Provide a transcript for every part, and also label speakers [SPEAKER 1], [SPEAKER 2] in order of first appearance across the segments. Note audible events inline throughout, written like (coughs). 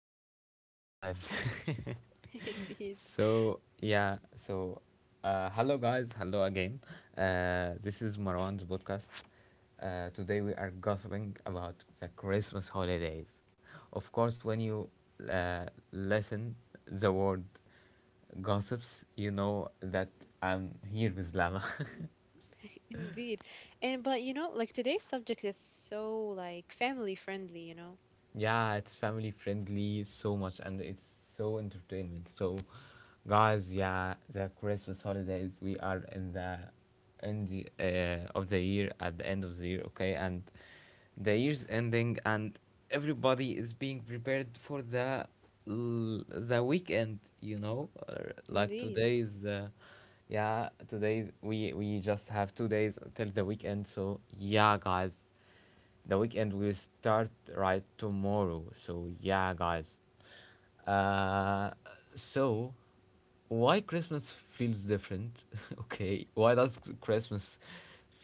[SPEAKER 1] live and alive.
[SPEAKER 2] (laughs)
[SPEAKER 1] (laughs)
[SPEAKER 2] Indeed,
[SPEAKER 1] so yeah, so Hello guys, hello again. This is Marwan's podcast. Today we are gossiping about the Christmas holidays. Of course, when you uh, listen the word gossips, you know that I'm here with Lama. (laughs)
[SPEAKER 2] indeed. And but you know, like today's subject is so like family friendly, you know.
[SPEAKER 1] Yeah, it's family friendly so much and it's so entertainment. So guys, yeah, the Christmas holidays, we are in the end of the year at the end of the year, okay? And the year's ending and everybody is being prepared for the the weekend, you know? Like today
[SPEAKER 2] Indeed.
[SPEAKER 1] is yeah, today we just have 2 days till the weekend. So, yeah, guys. The weekend will start right tomorrow. So yeah, guys. Uh, so why Christmas feels different? (laughs) okay, why does Christmas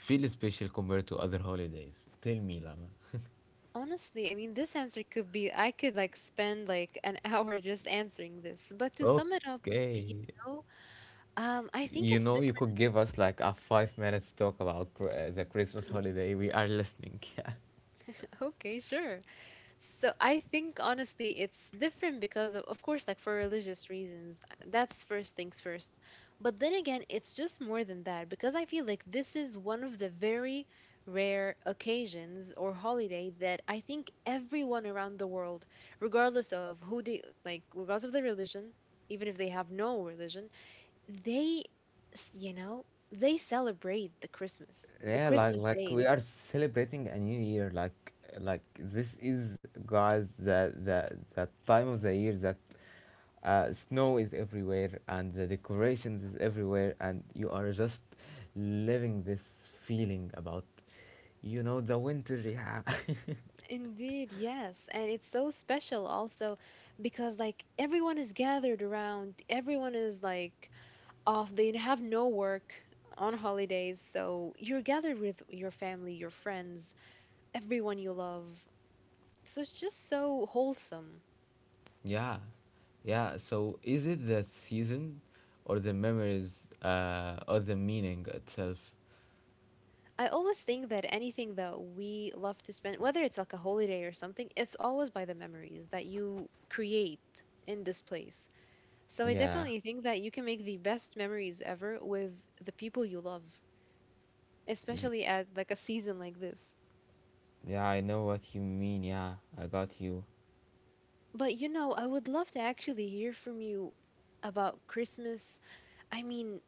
[SPEAKER 1] feel special compared to other holidays? Tell me, Lama.
[SPEAKER 2] Honestly, I mean, this answer could be I could like spend like an (laughs) hour just answering this. But to sum it up, you
[SPEAKER 1] Okay.
[SPEAKER 2] know, I think
[SPEAKER 1] You
[SPEAKER 2] it's
[SPEAKER 1] know,
[SPEAKER 2] the,
[SPEAKER 1] you could give us like a 5 minutes talk about the Christmas holiday. We are listening. (laughs)
[SPEAKER 2] (laughs) okay, sure. So I think honestly it's different because of course like for religious reasons that's first things first. But then again it's just more than that because I feel like this is one of the very rare occasions or holiday that I think everyone around the world regardless of who they like regardless of their religion even if they have no religion they you know they celebrate the Christmas the
[SPEAKER 1] Yeah, like
[SPEAKER 2] Christmas
[SPEAKER 1] like we
[SPEAKER 2] days.
[SPEAKER 1] are celebrating a new year. Like this is guys the time of the year that snow is everywhere and the decorations is everywhere and you are just living this feeling about you know the winter. Yeah,
[SPEAKER 2] Indeed, yes. And it's so special also because like everyone is gathered around, everyone is like off, they have no work on holidays. So you're gathered with your family, your friends, everyone you love. So it's just so wholesome.
[SPEAKER 1] (laughs) yeah, yeah. So is it the season or the memories or the meaning itself?
[SPEAKER 2] I always think that anything that we love to spend, whether it's like a holiday or something, it's always by the memories that you create in this place. So I
[SPEAKER 1] Yeah,
[SPEAKER 2] definitely think that you can make the best memories ever with the people you love, especially at like a season like this.
[SPEAKER 1] yeah. I know what you mean. Yeah, I got you.
[SPEAKER 2] But you know, I would love to actually hear from you about Christmas. I mean,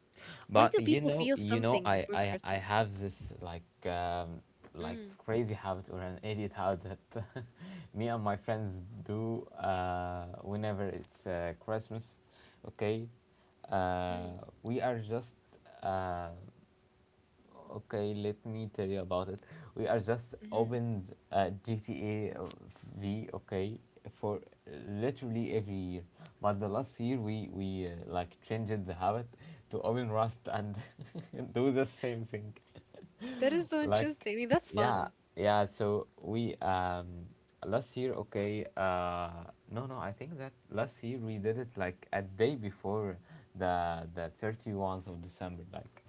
[SPEAKER 2] why
[SPEAKER 1] But
[SPEAKER 2] do
[SPEAKER 1] you
[SPEAKER 2] people
[SPEAKER 1] know,
[SPEAKER 2] feel
[SPEAKER 1] you know,
[SPEAKER 2] something
[SPEAKER 1] I
[SPEAKER 2] before
[SPEAKER 1] I, I
[SPEAKER 2] Christmas?
[SPEAKER 1] have this like
[SPEAKER 2] Mm,
[SPEAKER 1] crazy habit or an idiot habit that (laughs) me and my friends do whenever it's Christmas. Okay,
[SPEAKER 2] mm,
[SPEAKER 1] we are just uh, Okay, let me tell you about it. We are just
[SPEAKER 2] mm-hmm.
[SPEAKER 1] opened GTA V, okay, for literally every year. But the last year we like changed the habit to open Rust and (laughs) do the same thing
[SPEAKER 2] That is so
[SPEAKER 1] like
[SPEAKER 2] interesting. I mean, that's
[SPEAKER 1] yeah
[SPEAKER 2] fun.
[SPEAKER 1] yeah so we last year okay, no, I think that last year we did it like a day before the 31st of December. Like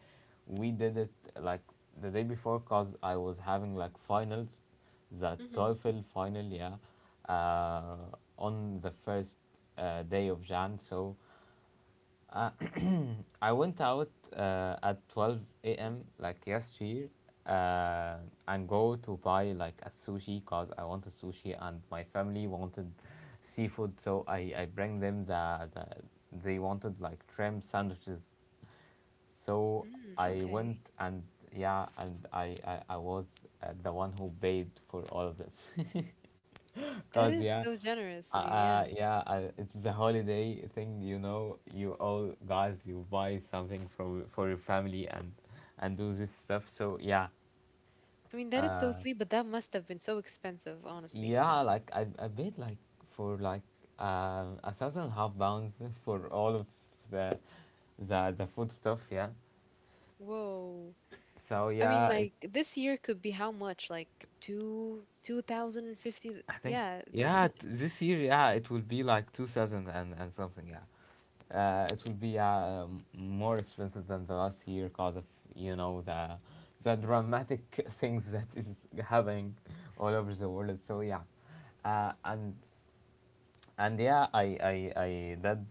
[SPEAKER 1] we did it like the day before, cause I was having like finals, the
[SPEAKER 2] Mm-hmm.
[SPEAKER 1] TOEFL final, yeah, uh on the first day of Jan. So I went out at 12 a.m. like yesterday uh, and go to buy like a sushi because I wanted sushi and my family wanted seafood, so I bring them the they wanted like shrimp sandwiches. So
[SPEAKER 2] Mm,
[SPEAKER 1] I
[SPEAKER 2] okay.
[SPEAKER 1] went and yeah, and I was the one who paid for all of this. (laughs)
[SPEAKER 2] That
[SPEAKER 1] Cause
[SPEAKER 2] is
[SPEAKER 1] yeah,
[SPEAKER 2] so generous of you. Yeah.
[SPEAKER 1] yeah, it's the holiday thing. You know, you all guys, you buy something for your family and do this stuff. So yeah,
[SPEAKER 2] I mean, that is so sweet, but that must have been so expensive, honestly.
[SPEAKER 1] yeah, like I paid like for like a thousand and a half pounds (laughs) for all of the the food stuff. Yeah.
[SPEAKER 2] Whoa.
[SPEAKER 1] So
[SPEAKER 2] I mean,
[SPEAKER 1] yeah, it,
[SPEAKER 2] like this year could be how much? Like two thousand and fifty.
[SPEAKER 1] I think
[SPEAKER 2] Yeah. (laughs)
[SPEAKER 1] yeah, this year, yeah, it will be like 2,000 and something, yeah. It will be more expensive than the last year because of you know the dramatic (laughs) things that is happening all over the world. So yeah, uh, and and I did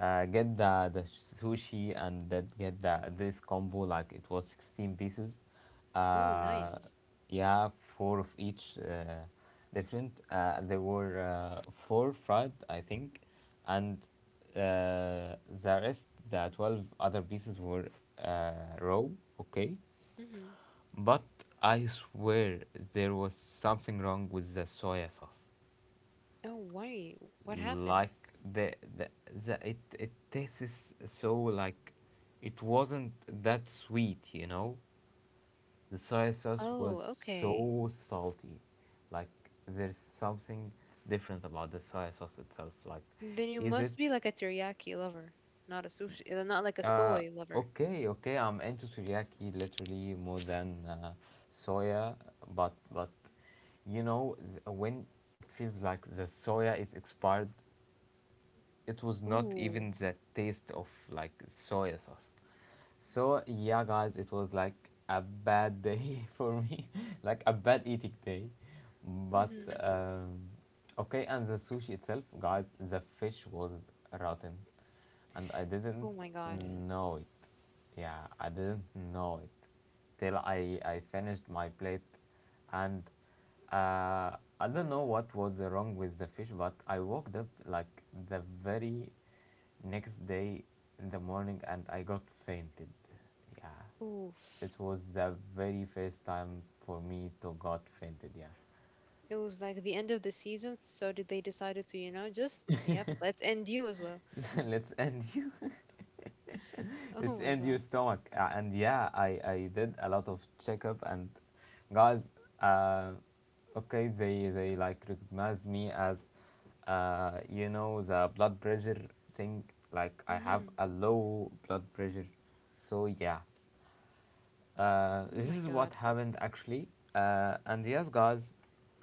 [SPEAKER 1] get the sushi and did get the this combo. Like it was 16 pieces,
[SPEAKER 2] Ooh,
[SPEAKER 1] uh
[SPEAKER 2] nice.
[SPEAKER 1] yeah, four of each different. There were four fried I think, and uh, the rest, the 12 other pieces were uh, raw, okay. But I swear there was something wrong with the soya sauce.
[SPEAKER 2] Oh, why? What happened?
[SPEAKER 1] Like the, the, it tastes so like it wasn't that sweet, you know. The soy sauce was
[SPEAKER 2] Oh, okay.
[SPEAKER 1] so salty, like there's something different about the soy sauce itself. Like
[SPEAKER 2] Then you
[SPEAKER 1] is it
[SPEAKER 2] must be like a teriyaki lover, not a sushi, not like a
[SPEAKER 1] uh
[SPEAKER 2] soy lover.
[SPEAKER 1] okay, okay, I'm into teriyaki literally more than soya. But you know when it feels like the soya is expired, it was not
[SPEAKER 2] Ooh.
[SPEAKER 1] even the taste of like soy sauce. So yeah, guys, it was like a bad day (laughs) for me, (laughs) like a bad eating day. But
[SPEAKER 2] Hmm.
[SPEAKER 1] um, okay, and the sushi itself, guys, the fish was rotten, and I
[SPEAKER 2] Oh
[SPEAKER 1] didn't
[SPEAKER 2] my God.
[SPEAKER 1] know it. Yeah, I didn't know it till I finished my plate. And I don't know what was wrong with the fish, but I woke up like the very next day in the morning and I got fainted. Yeah,
[SPEAKER 2] Oof.
[SPEAKER 1] it was the very first time for me to got fainted.
[SPEAKER 2] It was like the end of the season, so did they decided to, you know, just yep, let's end you as well.
[SPEAKER 1] Yeah, (laughs) let's end you.
[SPEAKER 2] (laughs)
[SPEAKER 1] (laughs)
[SPEAKER 2] Oh
[SPEAKER 1] it's
[SPEAKER 2] my
[SPEAKER 1] in your
[SPEAKER 2] God.
[SPEAKER 1] stomach. And yeah, I did a lot of checkup. And guys, uh, okay, they like recognize me as, you know, the blood pressure thing. Like I have
[SPEAKER 2] Mm-hmm.
[SPEAKER 1] a low blood pressure, so yeah.
[SPEAKER 2] Oh
[SPEAKER 1] This
[SPEAKER 2] my
[SPEAKER 1] is what
[SPEAKER 2] God.
[SPEAKER 1] happened actually. And yes, guys,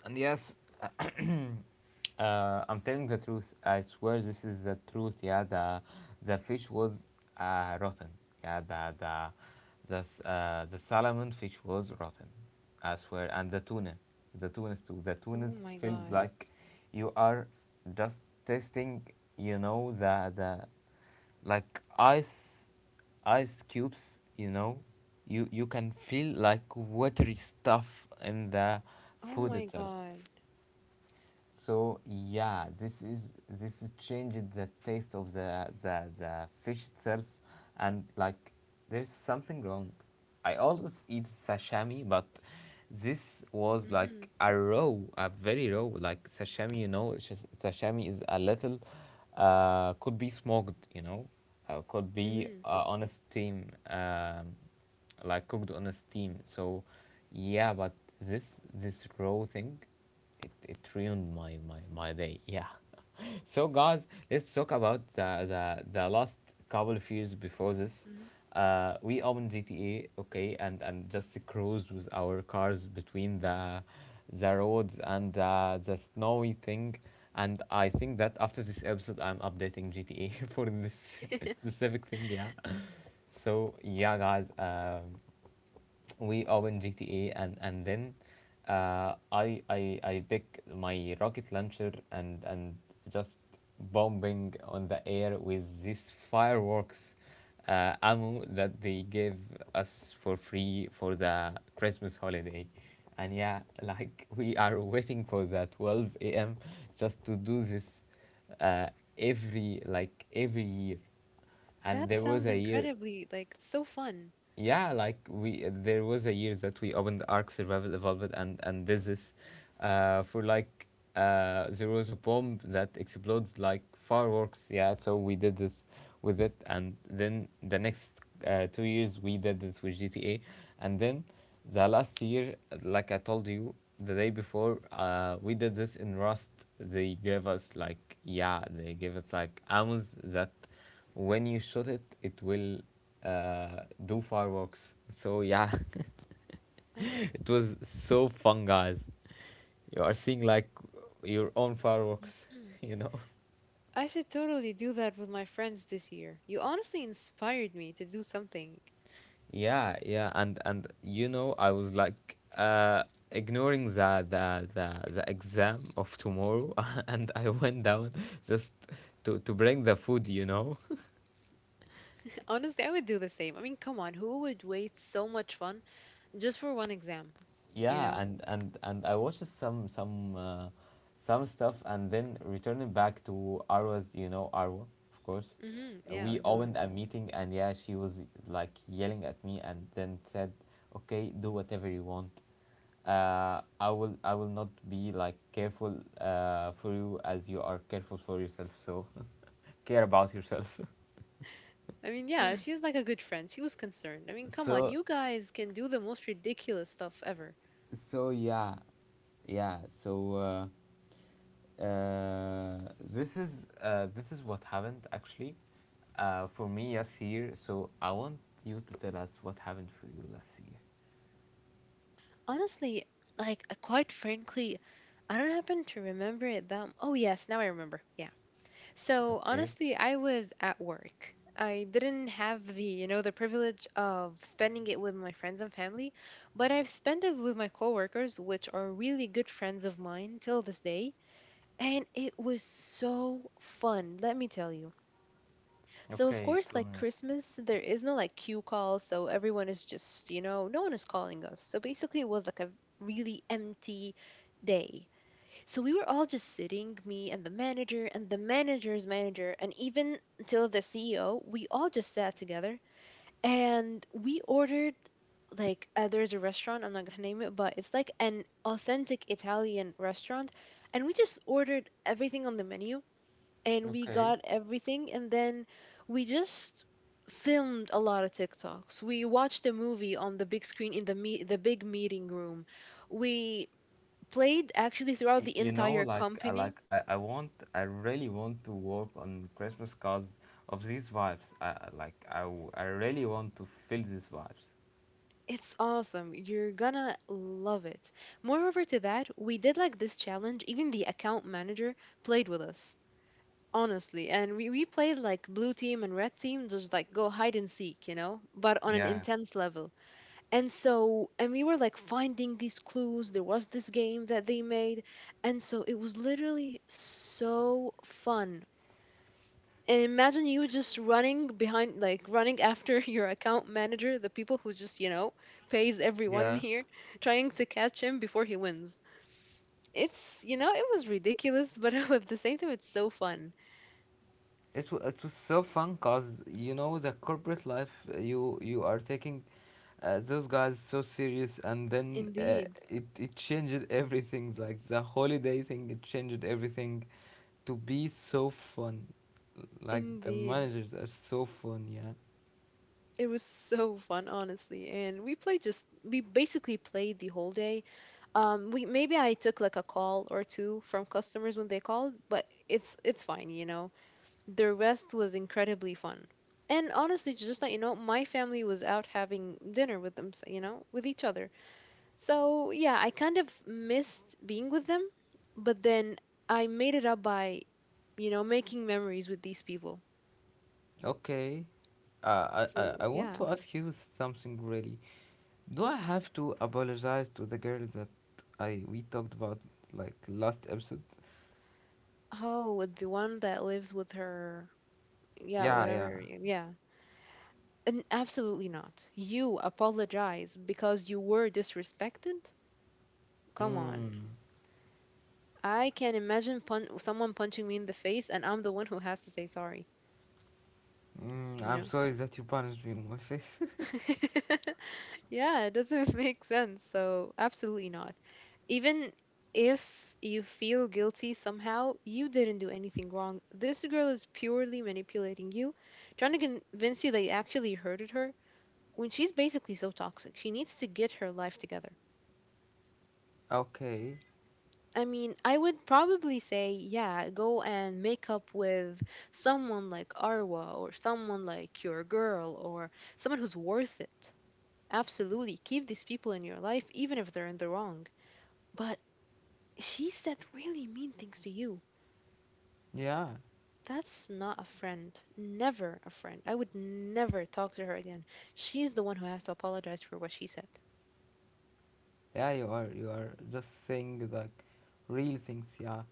[SPEAKER 1] and yes, (coughs) I'm telling the truth. I swear this is the truth. Yeah, the fish was rotten. Yeah, the the salmon fish was rotten. I swear, and the tuna, the tunas too. The
[SPEAKER 2] Oh
[SPEAKER 1] tunas
[SPEAKER 2] my
[SPEAKER 1] feels
[SPEAKER 2] God.
[SPEAKER 1] like you are just tasting. You know the like ice cubes, you know, you can feel like watery stuff in the
[SPEAKER 2] Oh
[SPEAKER 1] food
[SPEAKER 2] my
[SPEAKER 1] itself.
[SPEAKER 2] God.
[SPEAKER 1] So yeah, this is changed the taste of the fish itself, and like there's something wrong. I always eat sashimi, but this was like
[SPEAKER 2] Mm-hmm.
[SPEAKER 1] a raw, a very raw like sashimi. You know, sashimi is a little, could be smoked. You know, could be
[SPEAKER 2] Mm-hmm.
[SPEAKER 1] on a steam, like cooked on a steam. So yeah, but this raw thing, it ruined my day. Yeah. (laughs) so guys, let's talk about the last couple of years before this. We owned GTA, okay, and just cruised with our cars between the roads and the snowy thing. And I think that after this episode, I'm updating GTA (laughs) for this
[SPEAKER 2] Mm-hmm.
[SPEAKER 1] (laughs) specific thing. Yeah. So yeah, guys. We open GTA and then I pick my rocket launcher and just bombing on the air with this fireworks ammo that they gave us for free for the Christmas holiday. And yeah, (laughs) like we are waiting for the 12 a.m. just to do this uh, every like every year.
[SPEAKER 2] (laughs)
[SPEAKER 1] And
[SPEAKER 2] That
[SPEAKER 1] there was
[SPEAKER 2] sounds
[SPEAKER 1] a year,
[SPEAKER 2] incredibly like so fun.
[SPEAKER 1] yeah, like we, there was a year that we opened Arc Survival Evolved and did this is for like there was a bomb that explodes like fireworks, yeah. So we did this with it, and then the next 2 years we did this with GTA. And then the last year, like I told you, the day before, we did this in Rust. They gave us like, yeah, they gave us like amms that when you shoot it, it will do fireworks. So yeah, (laughs)
[SPEAKER 2] Oh my.
[SPEAKER 1] it was so fun, guys. You are seeing like your own fireworks,
[SPEAKER 2] Mm-hmm.
[SPEAKER 1] (laughs) you know.
[SPEAKER 2] I should totally do that with my friends this year. You honestly inspired me to do something.
[SPEAKER 1] Yeah, yeah, and you know, I was like ignoring the exam of tomorrow, (laughs) and I went down just to bring the food, you know.
[SPEAKER 2] (laughs) Honestly, I would do the same. I mean, come on, who would waste so much fun just for one exam? You
[SPEAKER 1] Yeah,
[SPEAKER 2] know?
[SPEAKER 1] and I watched some stuff, and then returning back to Arwa's, you know, Arwa of course.
[SPEAKER 2] Mm-hmm. Yeah,
[SPEAKER 1] We
[SPEAKER 2] I know, right.
[SPEAKER 1] opened a meeting and yeah, she was like yelling at me and then said, okay, do whatever you want. I will, I will not be like careful for you as you are careful for yourself, so (laughs) care about yourself.
[SPEAKER 2] I mean, yeah, she's like a good friend. She was concerned. I mean,
[SPEAKER 1] (laughs)
[SPEAKER 2] come on,
[SPEAKER 1] so
[SPEAKER 2] you guys can do the most ridiculous stuff ever.
[SPEAKER 1] so yeah yeah so uh Uh, this is This is what happened actually for me last year. So I want you to tell us what happened for you last year.
[SPEAKER 2] Honestly, like, quite frankly, I don't happen to remember it that. Oh, yes, now I remember. Yeah. So
[SPEAKER 1] Okay.
[SPEAKER 2] honestly, I was at work. I didn't have the, you know, the privilege of spending it with my friends and family, but I've spent it with my coworkers, which are really good friends of mine till this day, and it was so fun, let me tell you. So of
[SPEAKER 1] Okay.
[SPEAKER 2] course,
[SPEAKER 1] Tell
[SPEAKER 2] like
[SPEAKER 1] me.
[SPEAKER 2] Christmas, there is no like queue call, so everyone is just, you know, no one is calling us. So basically, it was like a really empty day. So we were all just sitting, me and the manager and the manager's manager, and even till the CEO, we all just sat together and we ordered like there's a restaurant, I'm not gonna name it, but it's like an authentic Italian restaurant. And we just ordered everything on the menu and we
[SPEAKER 1] Okay.
[SPEAKER 2] got everything. And then we just filmed a lot of TikToks. We watched a movie on the big screen in the big meeting room. We played actually throughout the
[SPEAKER 1] You know,
[SPEAKER 2] entire
[SPEAKER 1] like I
[SPEAKER 2] company.
[SPEAKER 1] like I, I want, I really want to work on Christmas cards of these vibes. I really want to feel these vibes.
[SPEAKER 2] It's awesome. You're gonna love it. Moreover to that, we did like this challenge. Even the account manager played with us, honestly. And we played like blue team and red team, just like go hide and seek, you know, but on an
[SPEAKER 1] Yeah.
[SPEAKER 2] intense level. And so, and we were like finding these clues. There was this game that they made. And so it was literally so fun and imagine you just running behind like running after (laughs) your account manager, the people who just you know pays everyone
[SPEAKER 1] Yeah.
[SPEAKER 2] here, trying to catch him before he wins. It's, you know, it was ridiculous but (laughs) at the same time it's so fun.
[SPEAKER 1] It's so fun, cause you know the corporate life, you you are taking those guys so serious, and then uh,
[SPEAKER 2] Indeed.
[SPEAKER 1] it it changed everything. Like the holiday thing, it changed everything to be so fun. Like the
[SPEAKER 2] Indeed,
[SPEAKER 1] managers are so fun, yeah.
[SPEAKER 2] it was so fun honestly and we played, just we basically played the whole day. We maybe I took like a call or two from customers when they called but it's fine, you know. The rest was incredibly fun. And honestly, just that you know, my family was out having dinner with them, you know, with each other. So yeah, I kind of missed being with them, but then I made it up by, you know, making memories with these people.
[SPEAKER 1] Okay, uh, I I
[SPEAKER 2] So
[SPEAKER 1] I want
[SPEAKER 2] yeah.
[SPEAKER 1] to ask you something really, do I have to apologize to the girl that I we talked about like last episode?
[SPEAKER 2] Oh, with the one that lives with her, yeah,
[SPEAKER 1] Yeah, yeah.
[SPEAKER 2] whatever. Yeah. And absolutely not. You apologize because you were disrespected? Come on.
[SPEAKER 1] Mm.
[SPEAKER 2] I can imagine someone punching me in the face, and I'm the one who has to say sorry,
[SPEAKER 1] Mm,
[SPEAKER 2] you
[SPEAKER 1] I'm
[SPEAKER 2] know?
[SPEAKER 1] sorry that you punished me in my face.
[SPEAKER 2] (laughs) Yeah, it doesn't (laughs) make sense. So, absolutely not. Even if you feel guilty somehow, you didn't do anything wrong. This girl is purely manipulating you, trying to convince you that you actually hurted her when she's basically so toxic. She needs to get her life together.
[SPEAKER 1] (laughs) okay.
[SPEAKER 2] I mean, I would probably say, yeah, go and make up with someone like Arwa or someone like your girl or someone who's worth it. Absolutely. Keep these people in your life, even if they're in the wrong. But she said really mean things to you.
[SPEAKER 1] Yeah.
[SPEAKER 2] That's not a friend. Never a friend. I would never talk to her again. She's the one who has to apologize for what she said.
[SPEAKER 1] Yeah, you are. You are just saying like real things. Yeah.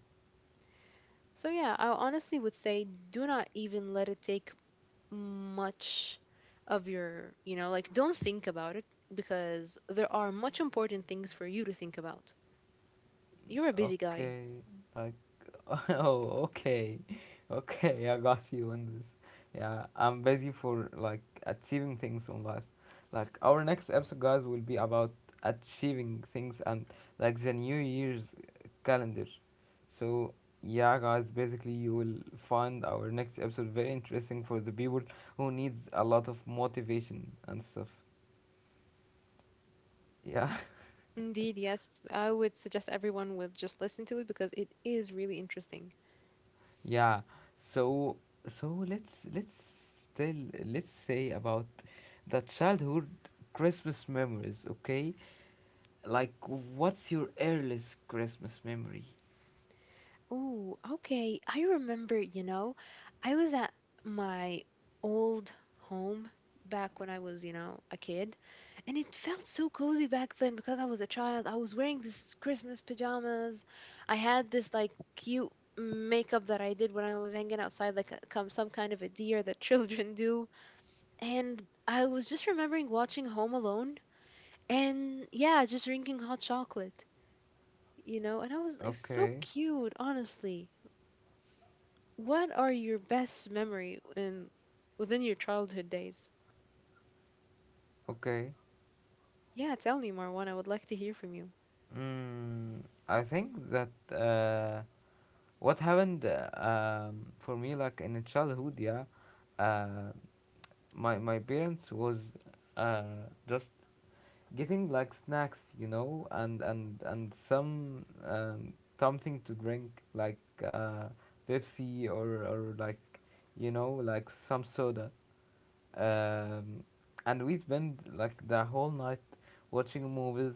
[SPEAKER 2] So, yeah, I honestly would say do not even let it take much of your, you know, like don't think about it because there are much important things for you to think about. You're a busy guy.
[SPEAKER 1] Okay, like, (laughs) oh, okay, okay, I got you on this. Yeah, I'm busy for like achieving things in life. Like our next episode, guys, will be about achieving things and like the New Year's calendar. So yeah, guys, basically you will find our next episode very interesting for the people who needs a lot of motivation and stuff. Yeah. (laughs)
[SPEAKER 2] Indeed, yes. I would suggest everyone would just listen to it because it is really interesting.
[SPEAKER 1] Yeah. So so tell let's say about the childhood Christmas memories, okay? Like, what's your earliest Christmas memory?
[SPEAKER 2] Oh, okay. I remember, you know, I was at my old home back when I was, you know, a kid, and it felt so cozy back then because I was a child. I was wearing this Christmas pajamas. I had this like cute makeup that I did when I was hanging outside, like a, come some kind of a deer that (laughs) children do. And I was just remembering watching Home Alone and yeah, just drinking hot chocolate, you know, and I was, it was so
[SPEAKER 1] Okay.
[SPEAKER 2] cute, honestly. What are your best memory in within your childhood days?
[SPEAKER 1] Okay.
[SPEAKER 2] Yeah, tell me, Marwan. I would like to hear from you.
[SPEAKER 1] Mm, I think that what happened for me like in childhood, yeah. Uh, my parents was just getting like snacks, you know, and some something to drink like uh, Pepsi or like, you know, like some soda. Um, and we spend like the whole night watching movies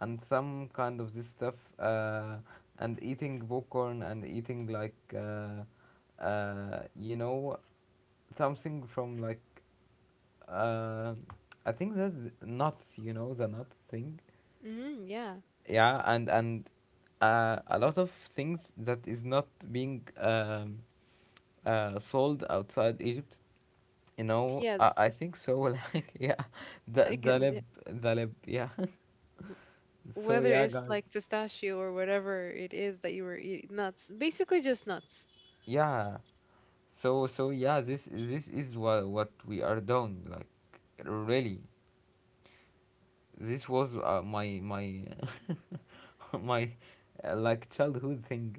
[SPEAKER 1] and some kind of this stuff and eating popcorn and eating like you know, something from like uh, I think that's nuts, you know, the nuts thing,
[SPEAKER 2] Mm, yeah. (laughs)
[SPEAKER 1] yeah, and a lot of things that is not being sold outside egypt, you know,
[SPEAKER 2] Yes,
[SPEAKER 1] I
[SPEAKER 2] (laughs)
[SPEAKER 1] think so. (laughs) Like, yeah,
[SPEAKER 2] I
[SPEAKER 1] the the
[SPEAKER 2] get it, yeah.
[SPEAKER 1] lib the lib yeah. (laughs) So
[SPEAKER 2] Whether
[SPEAKER 1] yeah,
[SPEAKER 2] it's
[SPEAKER 1] guys,
[SPEAKER 2] like pistachio or whatever it is that you were eating, nuts, basically just nuts.
[SPEAKER 1] yeah. So yeah, this is what we are doing, like, really. This was my (laughs) my like childhood thing.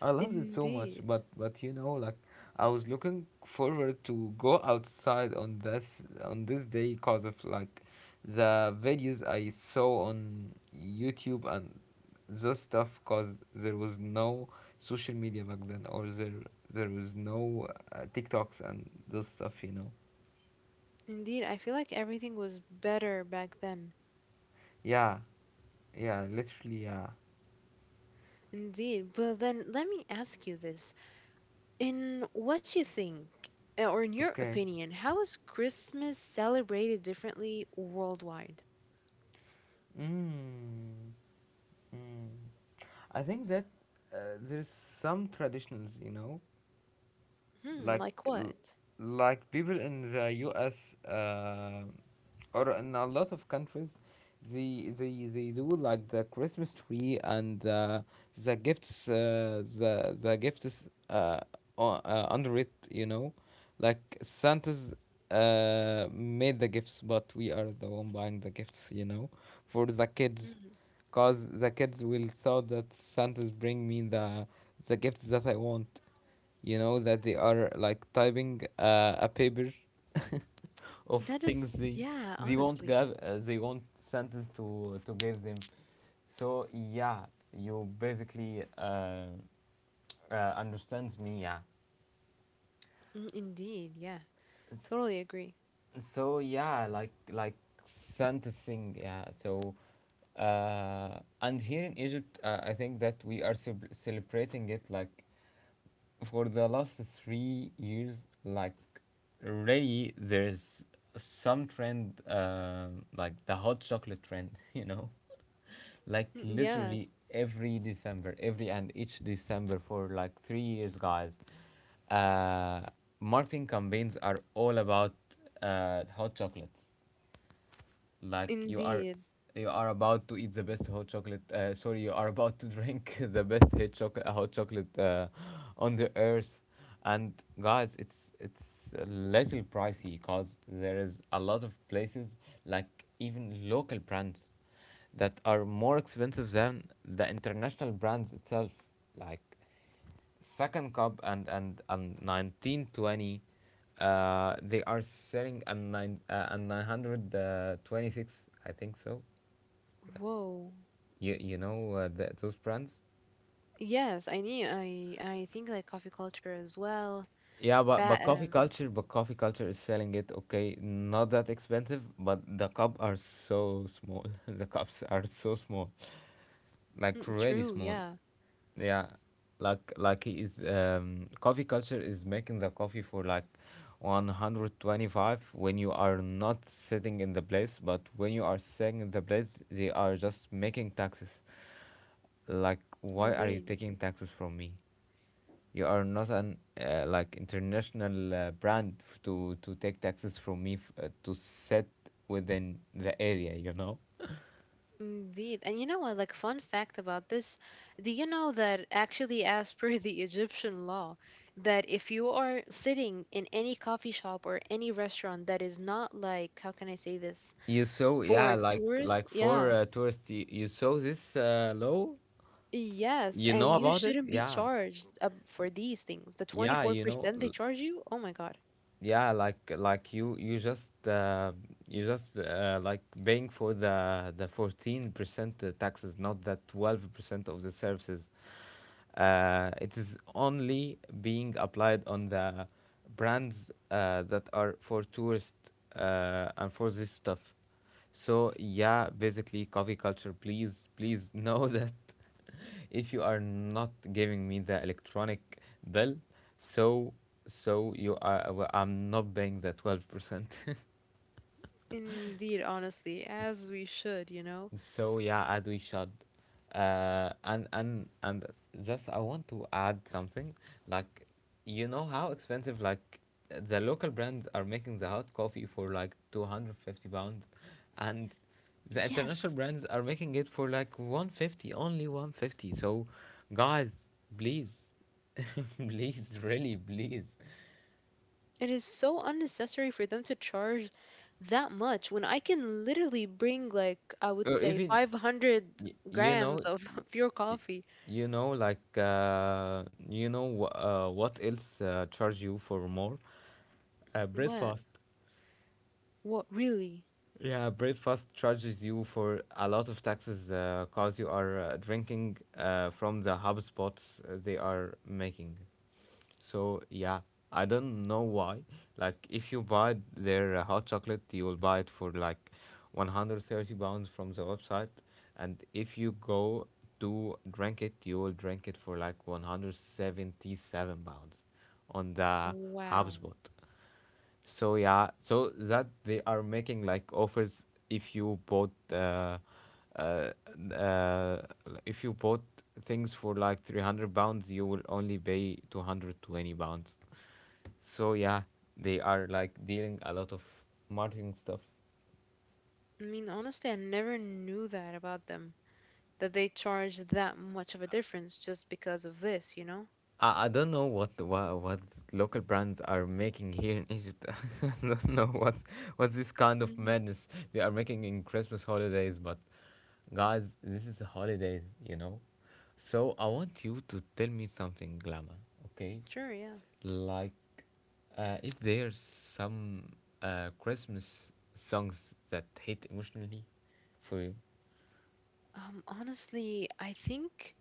[SPEAKER 1] I loved it so much,
[SPEAKER 2] Indeed.
[SPEAKER 1] but like, I was looking forward to go outside on this day because of like the videos I saw on YouTube and those stuff. Because there was no social media back then, or there was no TikToks and those stuff, you know.
[SPEAKER 2] Indeed, I feel like everything was better back then.
[SPEAKER 1] Yeah, yeah, literally, yeah.
[SPEAKER 2] Indeed. But then let me ask you this. In what you think, or in your
[SPEAKER 1] Okay.
[SPEAKER 2] opinion, how is Christmas celebrated differently worldwide?
[SPEAKER 1] Mm, mm. I think that there's some traditions, you know,
[SPEAKER 2] Hmm,
[SPEAKER 1] like
[SPEAKER 2] like what?
[SPEAKER 1] people in the US or in a lot of countries they do like the Christmas tree and the gifts the gifts under it, you know, like Santa's made the gifts, but we are the one buying the gifts, you know, for the kids,
[SPEAKER 2] Mm,
[SPEAKER 1] cause the kids will thought that Santa's bring me the gifts that I want, you know, that they are like typing a paper (laughs) of
[SPEAKER 2] that is,
[SPEAKER 1] things
[SPEAKER 2] yeah,
[SPEAKER 1] they won't
[SPEAKER 2] honestly.
[SPEAKER 1] give they want sentence to give them. So yeah, you basically understands me, yeah.
[SPEAKER 2] Mm, indeed, yeah.
[SPEAKER 1] S-
[SPEAKER 2] Totally agree.
[SPEAKER 1] so yeah, like sentencing, yeah. So and here in egypt I think that we are celebrating it like for the last 3 years. Like, really, there's some trend, like the hot chocolate trend, (laughs) you know, like
[SPEAKER 2] Mm,
[SPEAKER 1] literally
[SPEAKER 2] yes,
[SPEAKER 1] every December, every and each December for like 3 years, guys. Uh, Marketing campaigns are all about hot chocolates, like
[SPEAKER 2] indeed.
[SPEAKER 1] you are about to eat the best hot chocolate sorry, you are about to drink (laughs) the best hot chocolate on the earth. And guys, it's a little pricey, because there is a lot of places, like even local brands that are more expensive than the international brands itself, like Second Cup and 1920 , they are selling a 926, I think so.
[SPEAKER 2] Whoa.
[SPEAKER 1] You know those brands.
[SPEAKER 2] Yes, I need, I think like coffee culture as well.
[SPEAKER 1] Yeah, but
[SPEAKER 2] But,
[SPEAKER 1] but coffee culture but coffee culture is selling it, okay, not that expensive, but the cup are so small, (laughs) the cups are so small, like
[SPEAKER 2] mm,
[SPEAKER 1] really
[SPEAKER 2] true,
[SPEAKER 1] small.
[SPEAKER 2] yeah,
[SPEAKER 1] Yeah, like he is coffee culture is making the coffee for like 125 when you are not sitting in the place, but when you are sitting in the place, they are just making taxes. Like, why are you
[SPEAKER 2] indeed.
[SPEAKER 1] taking taxes from me? You are not an like, international brand to take taxes from me, to sit within the area, you know.
[SPEAKER 2] Indeed. And you know what, like fun fact about this, do you know that actually as per (laughs) the Egyptian law, that if you are sitting in any coffee shop or any restaurant that is not like, how can I say this?
[SPEAKER 1] You saw, yeah,
[SPEAKER 2] For
[SPEAKER 1] like
[SPEAKER 2] tours,
[SPEAKER 1] for
[SPEAKER 2] yeah.
[SPEAKER 1] tourists. You saw this law.
[SPEAKER 2] Yes,
[SPEAKER 1] You
[SPEAKER 2] and
[SPEAKER 1] know
[SPEAKER 2] you
[SPEAKER 1] about it?
[SPEAKER 2] shouldn't be
[SPEAKER 1] Yeah.
[SPEAKER 2] charged for these things, the
[SPEAKER 1] Yeah, you know,
[SPEAKER 2] 24%. They charge you, oh my God.
[SPEAKER 1] like you just like paying for the 14% taxes, not the 12% of the services. It is only being applied on the brands that are for tourists and for this stuff. So yeah, basically, coffee culture, please, please know (laughs) that if you are not giving me the electronic bill, so so you are, well, I'm not paying the 12%. (laughs)
[SPEAKER 2] Indeed, honestly, as we should, you know?
[SPEAKER 1] So yeah, as we should, and just I want to add something, like, you know how expensive, like, the local brands are making the hot coffee for like 250 pounds, and the
[SPEAKER 2] Yes,
[SPEAKER 1] international brands are making it for like 150, only 150. So, guys, please, (laughs) please, really, please,
[SPEAKER 2] it is so unnecessary for them to charge that much when I can literally bring like I would
[SPEAKER 1] or
[SPEAKER 2] say
[SPEAKER 1] even
[SPEAKER 2] 500
[SPEAKER 1] You
[SPEAKER 2] grams
[SPEAKER 1] know,
[SPEAKER 2] of (laughs) pure
[SPEAKER 1] y-
[SPEAKER 2] coffee.
[SPEAKER 1] you know, what else charge you for more
[SPEAKER 2] What?
[SPEAKER 1] breakfast.
[SPEAKER 2] What really?
[SPEAKER 1] Yeah, breakfast charges you for a lot of taxes, because you are drinking from the hub spots they are making. So yeah, I don't know why. Like, if you buy their hot chocolate, you will buy it for like 130 pounds from the website, and if you go to drink it, you will drink it for like 177 pounds on the
[SPEAKER 2] Wow.
[SPEAKER 1] HubSpot. So yeah, so that they are making, like, offers if you bought uh, uh, uh, if you bought things for like 300 pounds, you will only pay 220 pounds. So yeah, they are like dealing a lot of marketing stuff.
[SPEAKER 2] I mean, honestly, I never knew that about them, that they charge that much of a difference just because of this, you know?
[SPEAKER 1] I don't know what local brands are making here in Egypt. (laughs) I don't know what this kind of
[SPEAKER 2] Hmm.
[SPEAKER 1] madness they are making in Christmas holidays. But guys, this is the holidays, you know. So I want you to tell me something, Glamour. Okay,
[SPEAKER 2] Sure, yeah.
[SPEAKER 1] like if there's some Christmas songs that hit emotionally for you.
[SPEAKER 2] Honestly, I think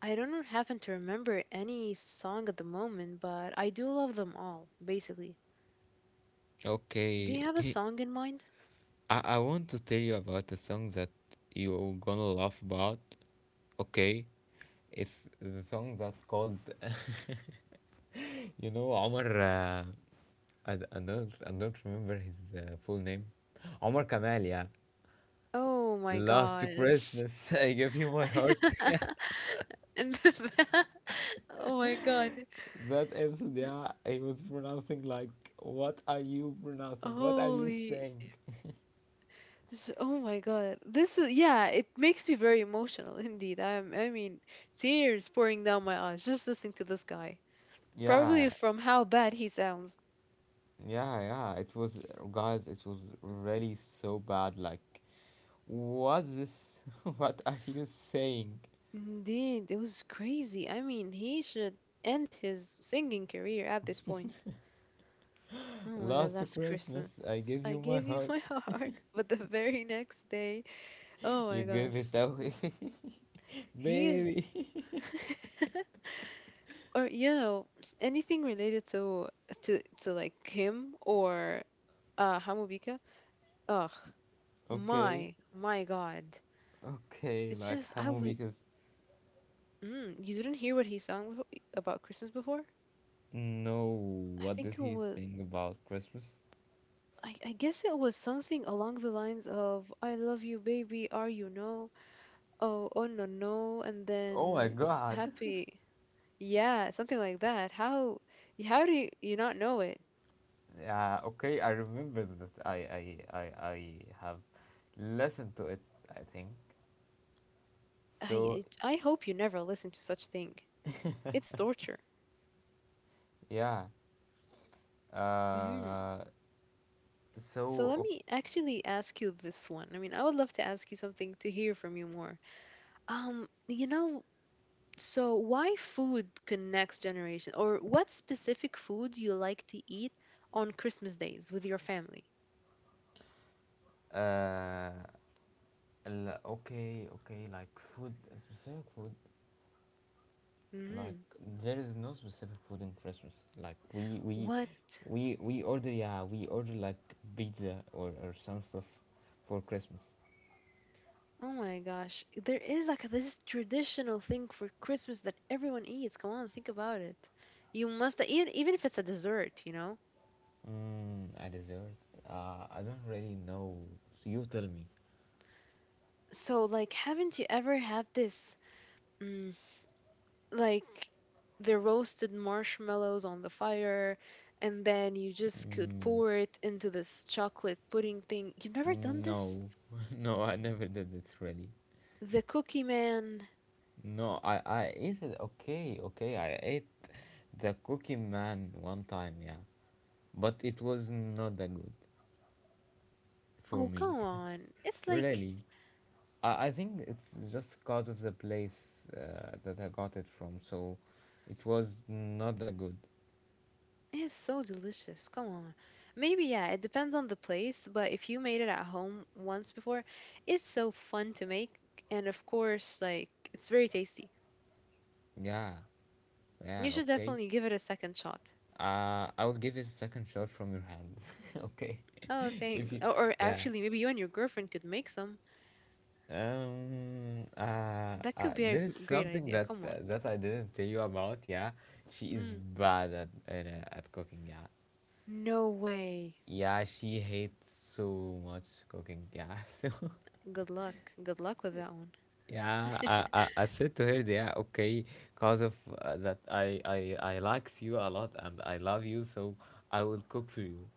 [SPEAKER 2] I don't happen to remember any song at the moment, but I do love them all, basically. Do you
[SPEAKER 1] Okay.
[SPEAKER 2] have a
[SPEAKER 1] (laughs)
[SPEAKER 2] song in mind?
[SPEAKER 1] I want to tell you about a song that you're gonna laugh about. Okay, it's the song that's called. (laughs) You know, Omar. I don't remember his full name. Omar Kamal. Yeah.
[SPEAKER 2] Oh my
[SPEAKER 1] Last
[SPEAKER 2] God.
[SPEAKER 1] Christmas, (laughs) I gave you my heart. (laughs) Yeah.
[SPEAKER 2] (laughs) And the- (laughs) oh my God.
[SPEAKER 1] That episode, yeah, I was pronouncing, like, what are you pronouncing? What are you
[SPEAKER 2] Holy,
[SPEAKER 1] saying?
[SPEAKER 2] S- oh my God. This is, yeah, it makes me very emotional (laughs) indeed. I'm, I mean, tears pouring down my eyes just listening to this guy. Probably
[SPEAKER 1] Yeah,
[SPEAKER 2] from how bad he sounds.
[SPEAKER 1] yeah, yeah. Guys, it was really so bad. Like, what's this? (laughs) What are you saying?
[SPEAKER 2] Indeed, it was crazy. I mean, he should end his singing career at this point. Oh my God,
[SPEAKER 1] Last
[SPEAKER 2] last Christmas.
[SPEAKER 1] Christmas, I gave
[SPEAKER 2] I
[SPEAKER 1] you my
[SPEAKER 2] gave you (laughs)
[SPEAKER 1] heart.
[SPEAKER 2] my heart, but the very next day, oh my
[SPEAKER 1] You gave
[SPEAKER 2] gosh.
[SPEAKER 1] it away, (laughs)
[SPEAKER 2] He's,
[SPEAKER 1] baby. (laughs)
[SPEAKER 2] or you know anything related to to like him or Hamubika. Ugh,
[SPEAKER 1] Okay,
[SPEAKER 2] my God.
[SPEAKER 1] okay,
[SPEAKER 2] It's
[SPEAKER 1] like
[SPEAKER 2] just, I
[SPEAKER 1] Hamu,
[SPEAKER 2] would.
[SPEAKER 1] because
[SPEAKER 2] You didn't hear what he sang about Christmas before?
[SPEAKER 1] no,
[SPEAKER 2] I
[SPEAKER 1] what
[SPEAKER 2] think
[SPEAKER 1] did
[SPEAKER 2] it
[SPEAKER 1] he
[SPEAKER 2] was.
[SPEAKER 1] think about Christmas?
[SPEAKER 2] I guess it was something along the lines of "I love you, baby. Are you no? Oh, oh no, no." And
[SPEAKER 1] Oh my
[SPEAKER 2] then
[SPEAKER 1] God!
[SPEAKER 2] "Happy." Yeah, something like that. How how do you not know it?
[SPEAKER 1] Yeah, okay, I remember that. I have listened to it. I think so.
[SPEAKER 2] I hope you never listen to such thing. It's torture.
[SPEAKER 1] Yeah.
[SPEAKER 2] Hmm
[SPEAKER 1] Uh.
[SPEAKER 2] So let
[SPEAKER 1] So.
[SPEAKER 2] me actually ask you this one. I mean, I would love to ask you something to hear from you more. Um, you know, so why food connects generation, or what specific food you like to eat on Christmas days with your family?
[SPEAKER 1] Uh. Okay, okay, like food, a specific food. Like,
[SPEAKER 2] Hmm
[SPEAKER 1] there is no specific food in Christmas. Like, we we
[SPEAKER 2] What?
[SPEAKER 1] we we order, yeah, we order like pizza or some stuff for Christmas.
[SPEAKER 2] Oh my gosh, there is like this traditional thing for Christmas that everyone eats. Come on, think about it. You must eat, even if it's a dessert, you know?
[SPEAKER 1] Mm, a dessert. I don't really know. You tell me.
[SPEAKER 2] So, like, haven't you ever had this? mm, like the roasted marshmallows on the fire and then you just could
[SPEAKER 1] Mm,
[SPEAKER 2] pour it into this chocolate pudding thing. You've never done this?
[SPEAKER 1] no, (laughs) no, I never did it really.
[SPEAKER 2] The cookie man.
[SPEAKER 1] No, I ate it. Okay, okay, I ate the Cookie Man one time. Yeah, but it was not that good for
[SPEAKER 2] Oh,
[SPEAKER 1] me.
[SPEAKER 2] come
[SPEAKER 1] (laughs)
[SPEAKER 2] on.
[SPEAKER 1] Really, I think it's just because of the place that I got it from. So it was not that good.
[SPEAKER 2] It's so delicious. Come on. Maybe yeah, it depends on the place, but if you made it at home once before, it's so fun to make, and of course like it's very tasty.
[SPEAKER 1] Yeah,
[SPEAKER 2] You
[SPEAKER 1] yeah,
[SPEAKER 2] should
[SPEAKER 1] okay.
[SPEAKER 2] definitely give it a second shot.
[SPEAKER 1] I will give it a second shot from your hand. (laughs) Okay.
[SPEAKER 2] Oh,
[SPEAKER 1] (laughs)
[SPEAKER 2] thanks.
[SPEAKER 1] If you,
[SPEAKER 2] Or
[SPEAKER 1] yeah.
[SPEAKER 2] actually maybe you and your girlfriend could make some. That could be a
[SPEAKER 1] There is
[SPEAKER 2] great
[SPEAKER 1] something
[SPEAKER 2] idea. Come on.
[SPEAKER 1] that I didn't tell you about. Yeah, she is
[SPEAKER 2] Mm.
[SPEAKER 1] bad at cooking. Yeah.
[SPEAKER 2] No way.
[SPEAKER 1] Yeah, she hates so much cooking. Yeah. (laughs) So.
[SPEAKER 2] Good luck. Good luck with that one.
[SPEAKER 1] Yeah, I said to her, yeah, okay, because of that I likes you a lot and I love you, so I will cook for you.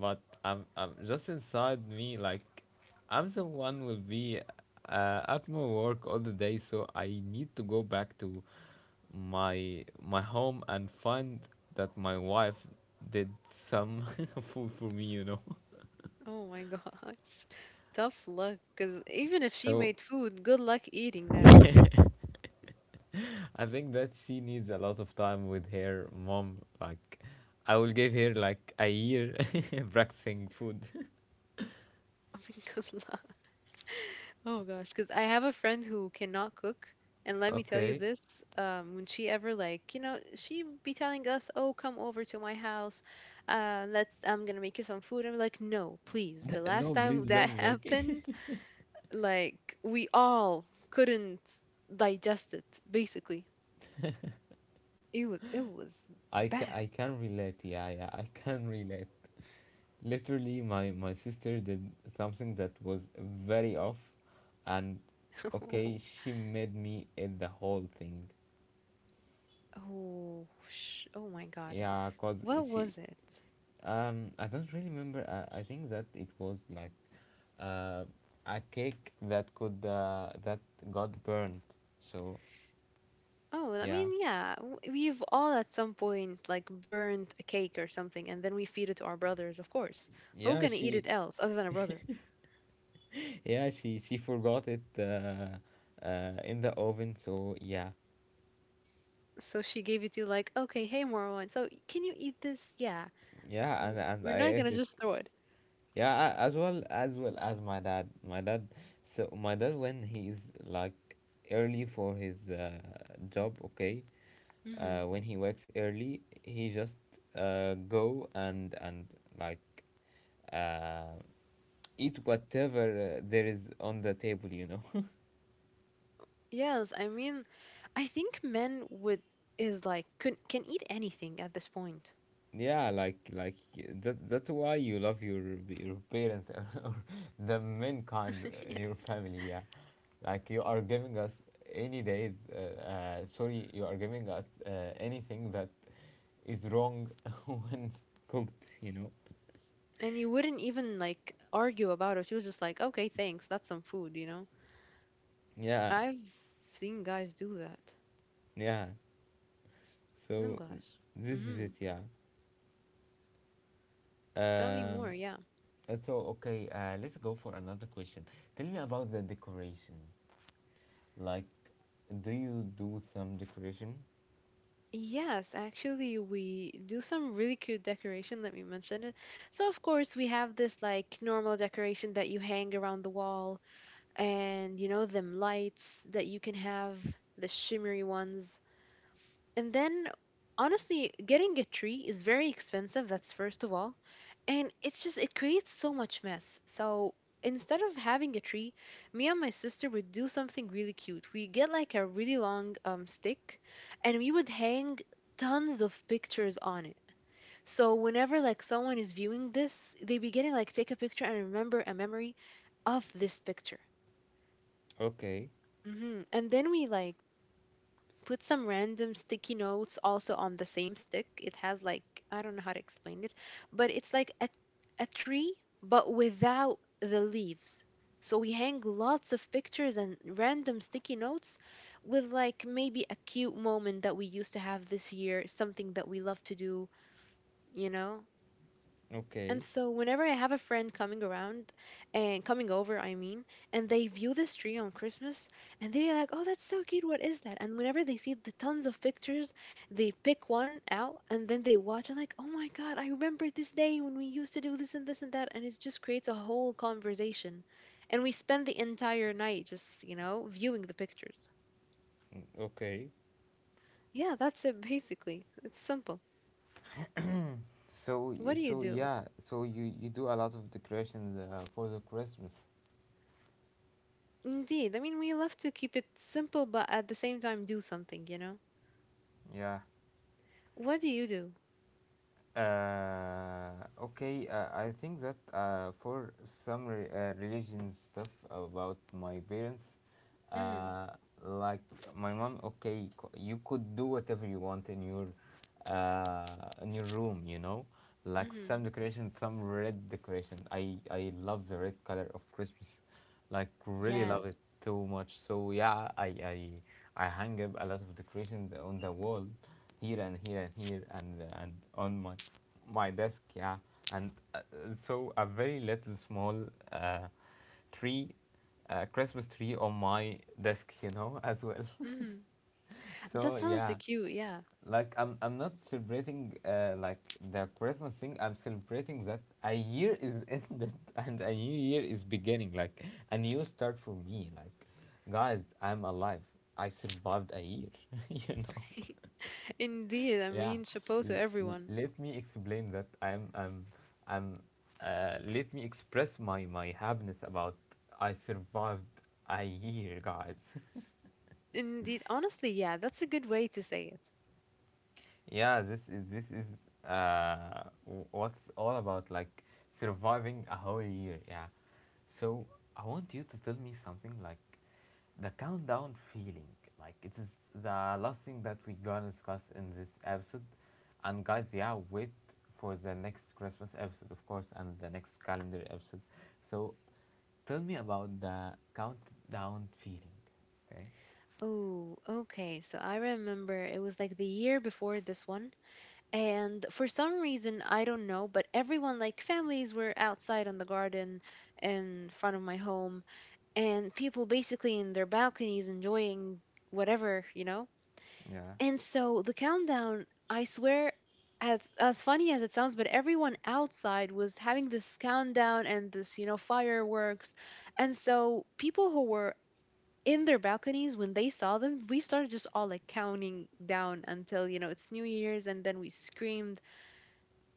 [SPEAKER 1] But I'm just inside me, like, I'm the one will be at my work all the day, so I need to go back to my home and find that my wife did some (laughs) food for me, you know. (laughs)
[SPEAKER 2] Oh my gosh. (laughs) Tough luck. Because even if she
[SPEAKER 1] So
[SPEAKER 2] made food, good luck eating that.
[SPEAKER 1] I think that she needs a lot of time with her mom. Like, I will give her like a year (laughs) practicing food.
[SPEAKER 2] (laughs) I mean, good luck. (laughs) Oh gosh. Because I have a friend who cannot cook. And let me tell you
[SPEAKER 1] Okay. (laughs)
[SPEAKER 2] this, when she ever like, you know, she be telling us, "Oh, come over to my house. Let's. I'm gonna make you some food." I'm like, "No, please." The last
[SPEAKER 1] No,
[SPEAKER 2] time
[SPEAKER 1] please
[SPEAKER 2] that (laughs)
[SPEAKER 1] don't make it.
[SPEAKER 2] happened, like we all couldn't digest it basically, it was
[SPEAKER 1] (laughs)
[SPEAKER 2] bad.
[SPEAKER 1] I can relate. Yeah, yeah, I can relate. Literally, my sister did something that was very off, and okay,
[SPEAKER 2] (laughs)
[SPEAKER 1] she made me eat the whole thing.
[SPEAKER 2] Oh my god,
[SPEAKER 1] Yeah, cause
[SPEAKER 2] what
[SPEAKER 1] she
[SPEAKER 2] was it?
[SPEAKER 1] I don't really remember. I think that it was like uh, a cake that got burned. So
[SPEAKER 2] Oh, I
[SPEAKER 1] yeah,
[SPEAKER 2] mean, yeah, we've all at some point like burned a cake or something and then we feed it to our brothers, of course. Who
[SPEAKER 1] yeah,
[SPEAKER 2] gonna eat it else other than a brother?
[SPEAKER 1] she forgot it in the oven. So yeah,
[SPEAKER 2] So she gave it to you like, "Okay, hey Marwan, so can you eat this?" Yeah,
[SPEAKER 1] yeah, and
[SPEAKER 2] we're
[SPEAKER 1] and I
[SPEAKER 2] not gonna
[SPEAKER 1] ate it.
[SPEAKER 2] just throw it.
[SPEAKER 1] Yeah, as well, as well as my dad. My dad. So my dad, when he's like early for his job. Okay, when he works early, he just go and like uh, eat whatever there is on the table.
[SPEAKER 2] Yes, I mean, I think men would is like can eat anything at this point.
[SPEAKER 1] (laughs) Yeah, like that's why you love your parents (laughs) or the mankind
[SPEAKER 2] (laughs)
[SPEAKER 1] in
[SPEAKER 2] Yeah.
[SPEAKER 1] your family, yeah. Like, you are giving us any days, sorry, you are giving us anything that is wrong (laughs) when cooked.
[SPEAKER 2] And you wouldn't even like argue about it. She was just like, "Okay, thanks. That's some food, you know."
[SPEAKER 1] Yeah,
[SPEAKER 2] I've seen guys do that.
[SPEAKER 1] yeah.
[SPEAKER 2] Oh
[SPEAKER 1] So
[SPEAKER 2] gosh.
[SPEAKER 1] this is
[SPEAKER 2] Mhm.
[SPEAKER 1] it, yeah.
[SPEAKER 2] So tell me more,
[SPEAKER 1] um
[SPEAKER 2] yeah.
[SPEAKER 1] so okay, let's go for another question. Tell me about the decoration. Like, do you do some decoration?
[SPEAKER 2] Yes, actually, we do some really cute decoration. Let me mention it. So, of course, we have this like normal decoration that you hang around the wall, and you know, them lights that you can have, the shimmery ones. And then, honestly, getting a tree is very expensive, that's first of all. And it's just, it creates so much mess. So instead of having a tree, me and my sister would do something really cute. We get like a really long stick and we would hang tons of pictures on it. So whenever like someone is viewing this, they be getting like take a picture and remember a memory of this picture.
[SPEAKER 1] Okay.
[SPEAKER 2] Hmm And then we like put some random sticky notes also on the same stick. It has like, I don't know how to explain it, but it's like a tree but without the leaves. So we hang lots of pictures and random sticky notes with like maybe a cute moment that we used to have this year, something that we love to do, you know? And
[SPEAKER 1] Okay.
[SPEAKER 2] so whenever I have a friend coming around and coming over, I mean, and they view this tree on Christmas and they're like, "Oh, that's so cute. What is that?" And whenever they see the tons of pictures, they pick one out and then they watch and like, "Oh my God, I remember this day when we used to do this and this and that." And it just creates a whole conversation. And we spend the entire night just, you know, viewing the pictures.
[SPEAKER 1] Mm, okay.
[SPEAKER 2] Yeah, that's it basically. It's simple.
[SPEAKER 1] So,
[SPEAKER 2] What do you
[SPEAKER 1] so
[SPEAKER 2] do?
[SPEAKER 1] yeah, so you do a lot of decorations for the Christmas.
[SPEAKER 2] Indeed. I mean, we love to keep it simple, but at the same time, do something, you know?
[SPEAKER 1] Yeah.
[SPEAKER 2] What do you do?
[SPEAKER 1] Okay. I think that for some religion stuff about my parents,
[SPEAKER 2] Mhm.
[SPEAKER 1] uh, like my mom, okay, you could do whatever you want in your room. Like,
[SPEAKER 2] Mhm.
[SPEAKER 1] some decoration, some red decoration. I love the red color of Christmas, like really love it
[SPEAKER 2] Yes.
[SPEAKER 1] too much. So yeah, I I hang up a lot of decorations on the wall, here and here and here, and on my desk, yeah. And so a very little small uh, tree, Christmas tree on my desk, you know, as well.
[SPEAKER 2] Mhm.
[SPEAKER 1] (laughs)
[SPEAKER 2] That
[SPEAKER 1] So
[SPEAKER 2] sounds the
[SPEAKER 1] yeah,
[SPEAKER 2] cute. Yeah.
[SPEAKER 1] like I'm not celebrating like the Christmas thing. I'm celebrating that a year is (laughs) ended and a new year is beginning, like a new start for me. Like, guys, I'm alive. I survived a year, (laughs) you know.
[SPEAKER 2] (laughs) Indeed. I
[SPEAKER 1] Yeah,
[SPEAKER 2] mean, chapeau to everyone.
[SPEAKER 1] let me explain that. I'm, I'm. Let me express my happiness about I survived a year, guys. (laughs)
[SPEAKER 2] Indeed. Honestly, yeah, that's a good way to say it.
[SPEAKER 1] Yeah, this is what's all about, like surviving a whole year. Yeah, so I want you to tell me something like the countdown feeling. Like, it is the last thing that we're gonna discuss in this episode. And guys, yeah, wait for the next Christmas episode, of course, and the next calendar episode. So tell me about the countdown feeling. Okay.
[SPEAKER 2] Oh, okay. So I remember it was like the year before this one. And for some reason, I don't know, but everyone, like families, were outside on the garden in front of my home. And people basically in their balconies enjoying whatever, you know?
[SPEAKER 1] Yeah.
[SPEAKER 2] And so the countdown, I swear, as funny as it sounds, but everyone outside was having this countdown and this, you know, fireworks. And so people who were in their balconies when they saw them, we started just all like counting down until, you know, it's New Year's and then we screamed.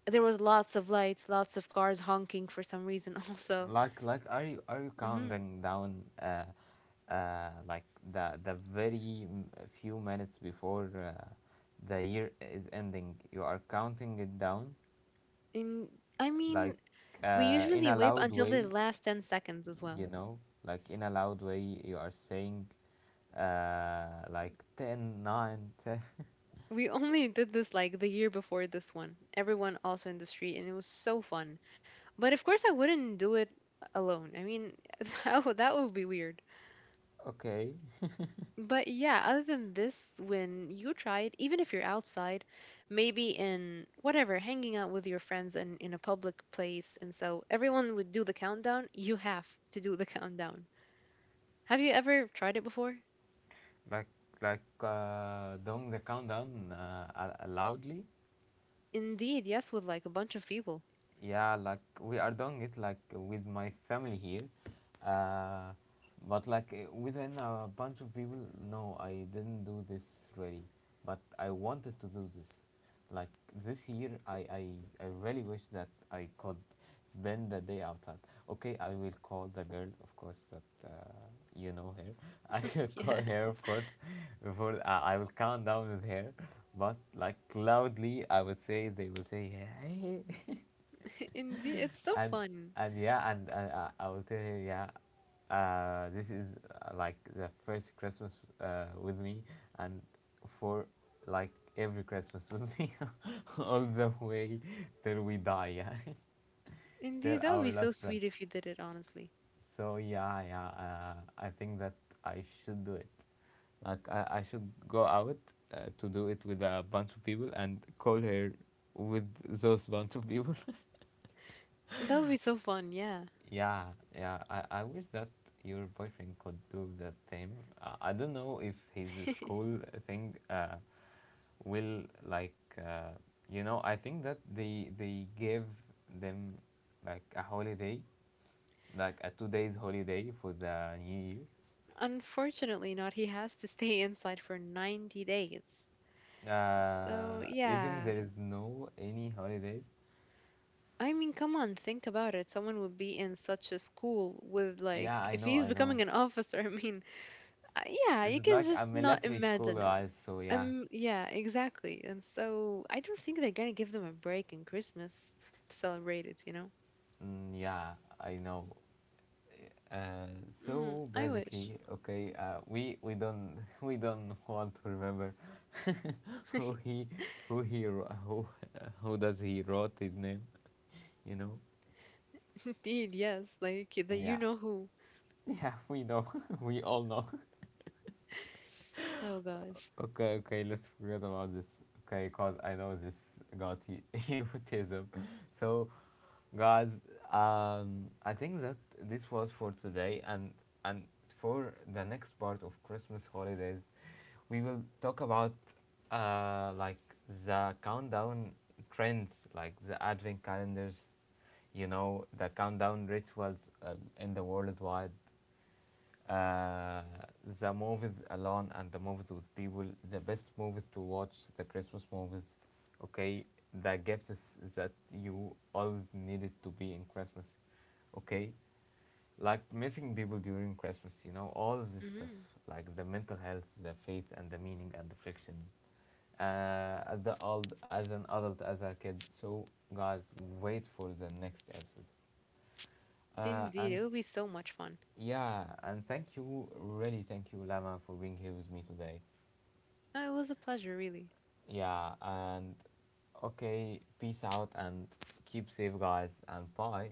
[SPEAKER 2] There was lots of lights, lots of cars honking for some reason (laughs) also.
[SPEAKER 1] Are you
[SPEAKER 2] Hmm
[SPEAKER 1] counting down, like the very few minutes before the year is ending? You are counting it down,
[SPEAKER 2] And I mean,
[SPEAKER 1] like
[SPEAKER 2] we
[SPEAKER 1] in
[SPEAKER 2] usually
[SPEAKER 1] a
[SPEAKER 2] wait
[SPEAKER 1] loud
[SPEAKER 2] until the
[SPEAKER 1] way,
[SPEAKER 2] last 10 seconds as well.
[SPEAKER 1] you know, like in a loud way. You are saying, like ten, nine, ten. (laughs)
[SPEAKER 2] We only did this like the year before this one. Everyone also in the street, and it was so fun. But of course, I wouldn't do it alone. I mean, (laughs) that would be weird.
[SPEAKER 1] Okay,
[SPEAKER 2] But yeah, other than this, when you try it, even if you're outside, maybe in whatever, hanging out with your friends and in a public place, and so everyone would do the countdown, you have to do the (laughs) countdown. Have you ever tried it before?
[SPEAKER 1] like like doing the countdown loudly.
[SPEAKER 2] Indeed, yes, with like a bunch of people.
[SPEAKER 1] Yeah, like we are doing it like with my family here, uh, but like within a bunch of people, no, I didn't do this, really. But I wanted to do this, like this year. I really wish that I could spend the day outside. Okay, I will call the girl, of course, that you know her. (laughs) I will
[SPEAKER 2] (laughs)
[SPEAKER 1] call
[SPEAKER 2] Yeah,
[SPEAKER 1] her, of course, before. I will count down with her, but like loudly. I would say, they will say, hey. (laughs)
[SPEAKER 2] (laughs) indeed, it's so
[SPEAKER 1] and
[SPEAKER 2] fun.
[SPEAKER 1] and yeah, and I will tell you, yeah, this is like the first Christmas with me, and for like every Christmas with me (laughs) all the way till we die, yeah. (laughs) Till
[SPEAKER 2] Indeed, that would
[SPEAKER 1] our
[SPEAKER 2] be so
[SPEAKER 1] last breath.
[SPEAKER 2] sweet if you did it, honestly.
[SPEAKER 1] So yeah, yeah, I think that I should do it. I should go out to do it with a bunch of people and call her with those bunch of people.
[SPEAKER 2] That would be so fun, yeah.
[SPEAKER 1] Yeah, yeah. I wish that your boyfriend could do the same. I don't know if his
[SPEAKER 2] (laughs)
[SPEAKER 1] school thing will like you know. I think that they give them like a holiday, like a 2 days holiday for the New Year.
[SPEAKER 2] Unfortunately, not. He has to stay inside for 90 days. So,
[SPEAKER 1] Even
[SPEAKER 2] yeah.
[SPEAKER 1] there is no any holidays.
[SPEAKER 2] I mean, come on, think about it. Someone would be in such a school with, like,
[SPEAKER 1] Yeah, I
[SPEAKER 2] if
[SPEAKER 1] know,
[SPEAKER 2] he's
[SPEAKER 1] I know.
[SPEAKER 2] becoming an (laughs) officer, I mean, yeah,
[SPEAKER 1] This
[SPEAKER 2] you
[SPEAKER 1] is
[SPEAKER 2] can
[SPEAKER 1] like
[SPEAKER 2] just
[SPEAKER 1] a
[SPEAKER 2] not
[SPEAKER 1] military school,
[SPEAKER 2] imagine it.
[SPEAKER 1] guys. So yeah,
[SPEAKER 2] Yeah, exactly. And so I don't think they're gonna give them a break in Christmas to celebrate it, you know?
[SPEAKER 1] mm, yeah, I know. Uh,
[SPEAKER 2] Hmm
[SPEAKER 1] so
[SPEAKER 2] I wish.
[SPEAKER 1] basically, okay, we don't (laughs) we don't want to remember (laughs) who he
[SPEAKER 2] (laughs)
[SPEAKER 1] who he wro- who (laughs) who does he wrote his name, you know?
[SPEAKER 2] Indeed, yes. Like, the you
[SPEAKER 1] Yeah,
[SPEAKER 2] know who.
[SPEAKER 1] yeah, (laughs) we know, (laughs) we all know. (laughs)
[SPEAKER 2] Oh gosh.
[SPEAKER 1] Okay, okay, let's forget about this. Okay, cause I know this got you- (laughs) egotism. So, guys, I think that this was for today. And for the next part of Christmas holidays, we will talk about like the countdown trends, like the advent calendars, you know, the countdown rituals in the worldwide, uh, the movies alone and the movies with people, the best movies to watch, the Christmas movies. Okay, the gifts that you always needed to be in Christmas. Okay. Like, missing people during Christmas, you know, all of this stuff,
[SPEAKER 2] Hmm
[SPEAKER 1] like the mental health, the faith and the meaning and the friction, as the old, as an adult, as a kid. So, guys, wait for the next episode.
[SPEAKER 2] Indeed,
[SPEAKER 1] And
[SPEAKER 2] it would be so much fun.
[SPEAKER 1] Yeah, and thank you, really thank you, Lama, for being here with me today.
[SPEAKER 2] No, it was a pleasure, really.
[SPEAKER 1] Yeah, and okay, peace out and keep safe, guys, and bye.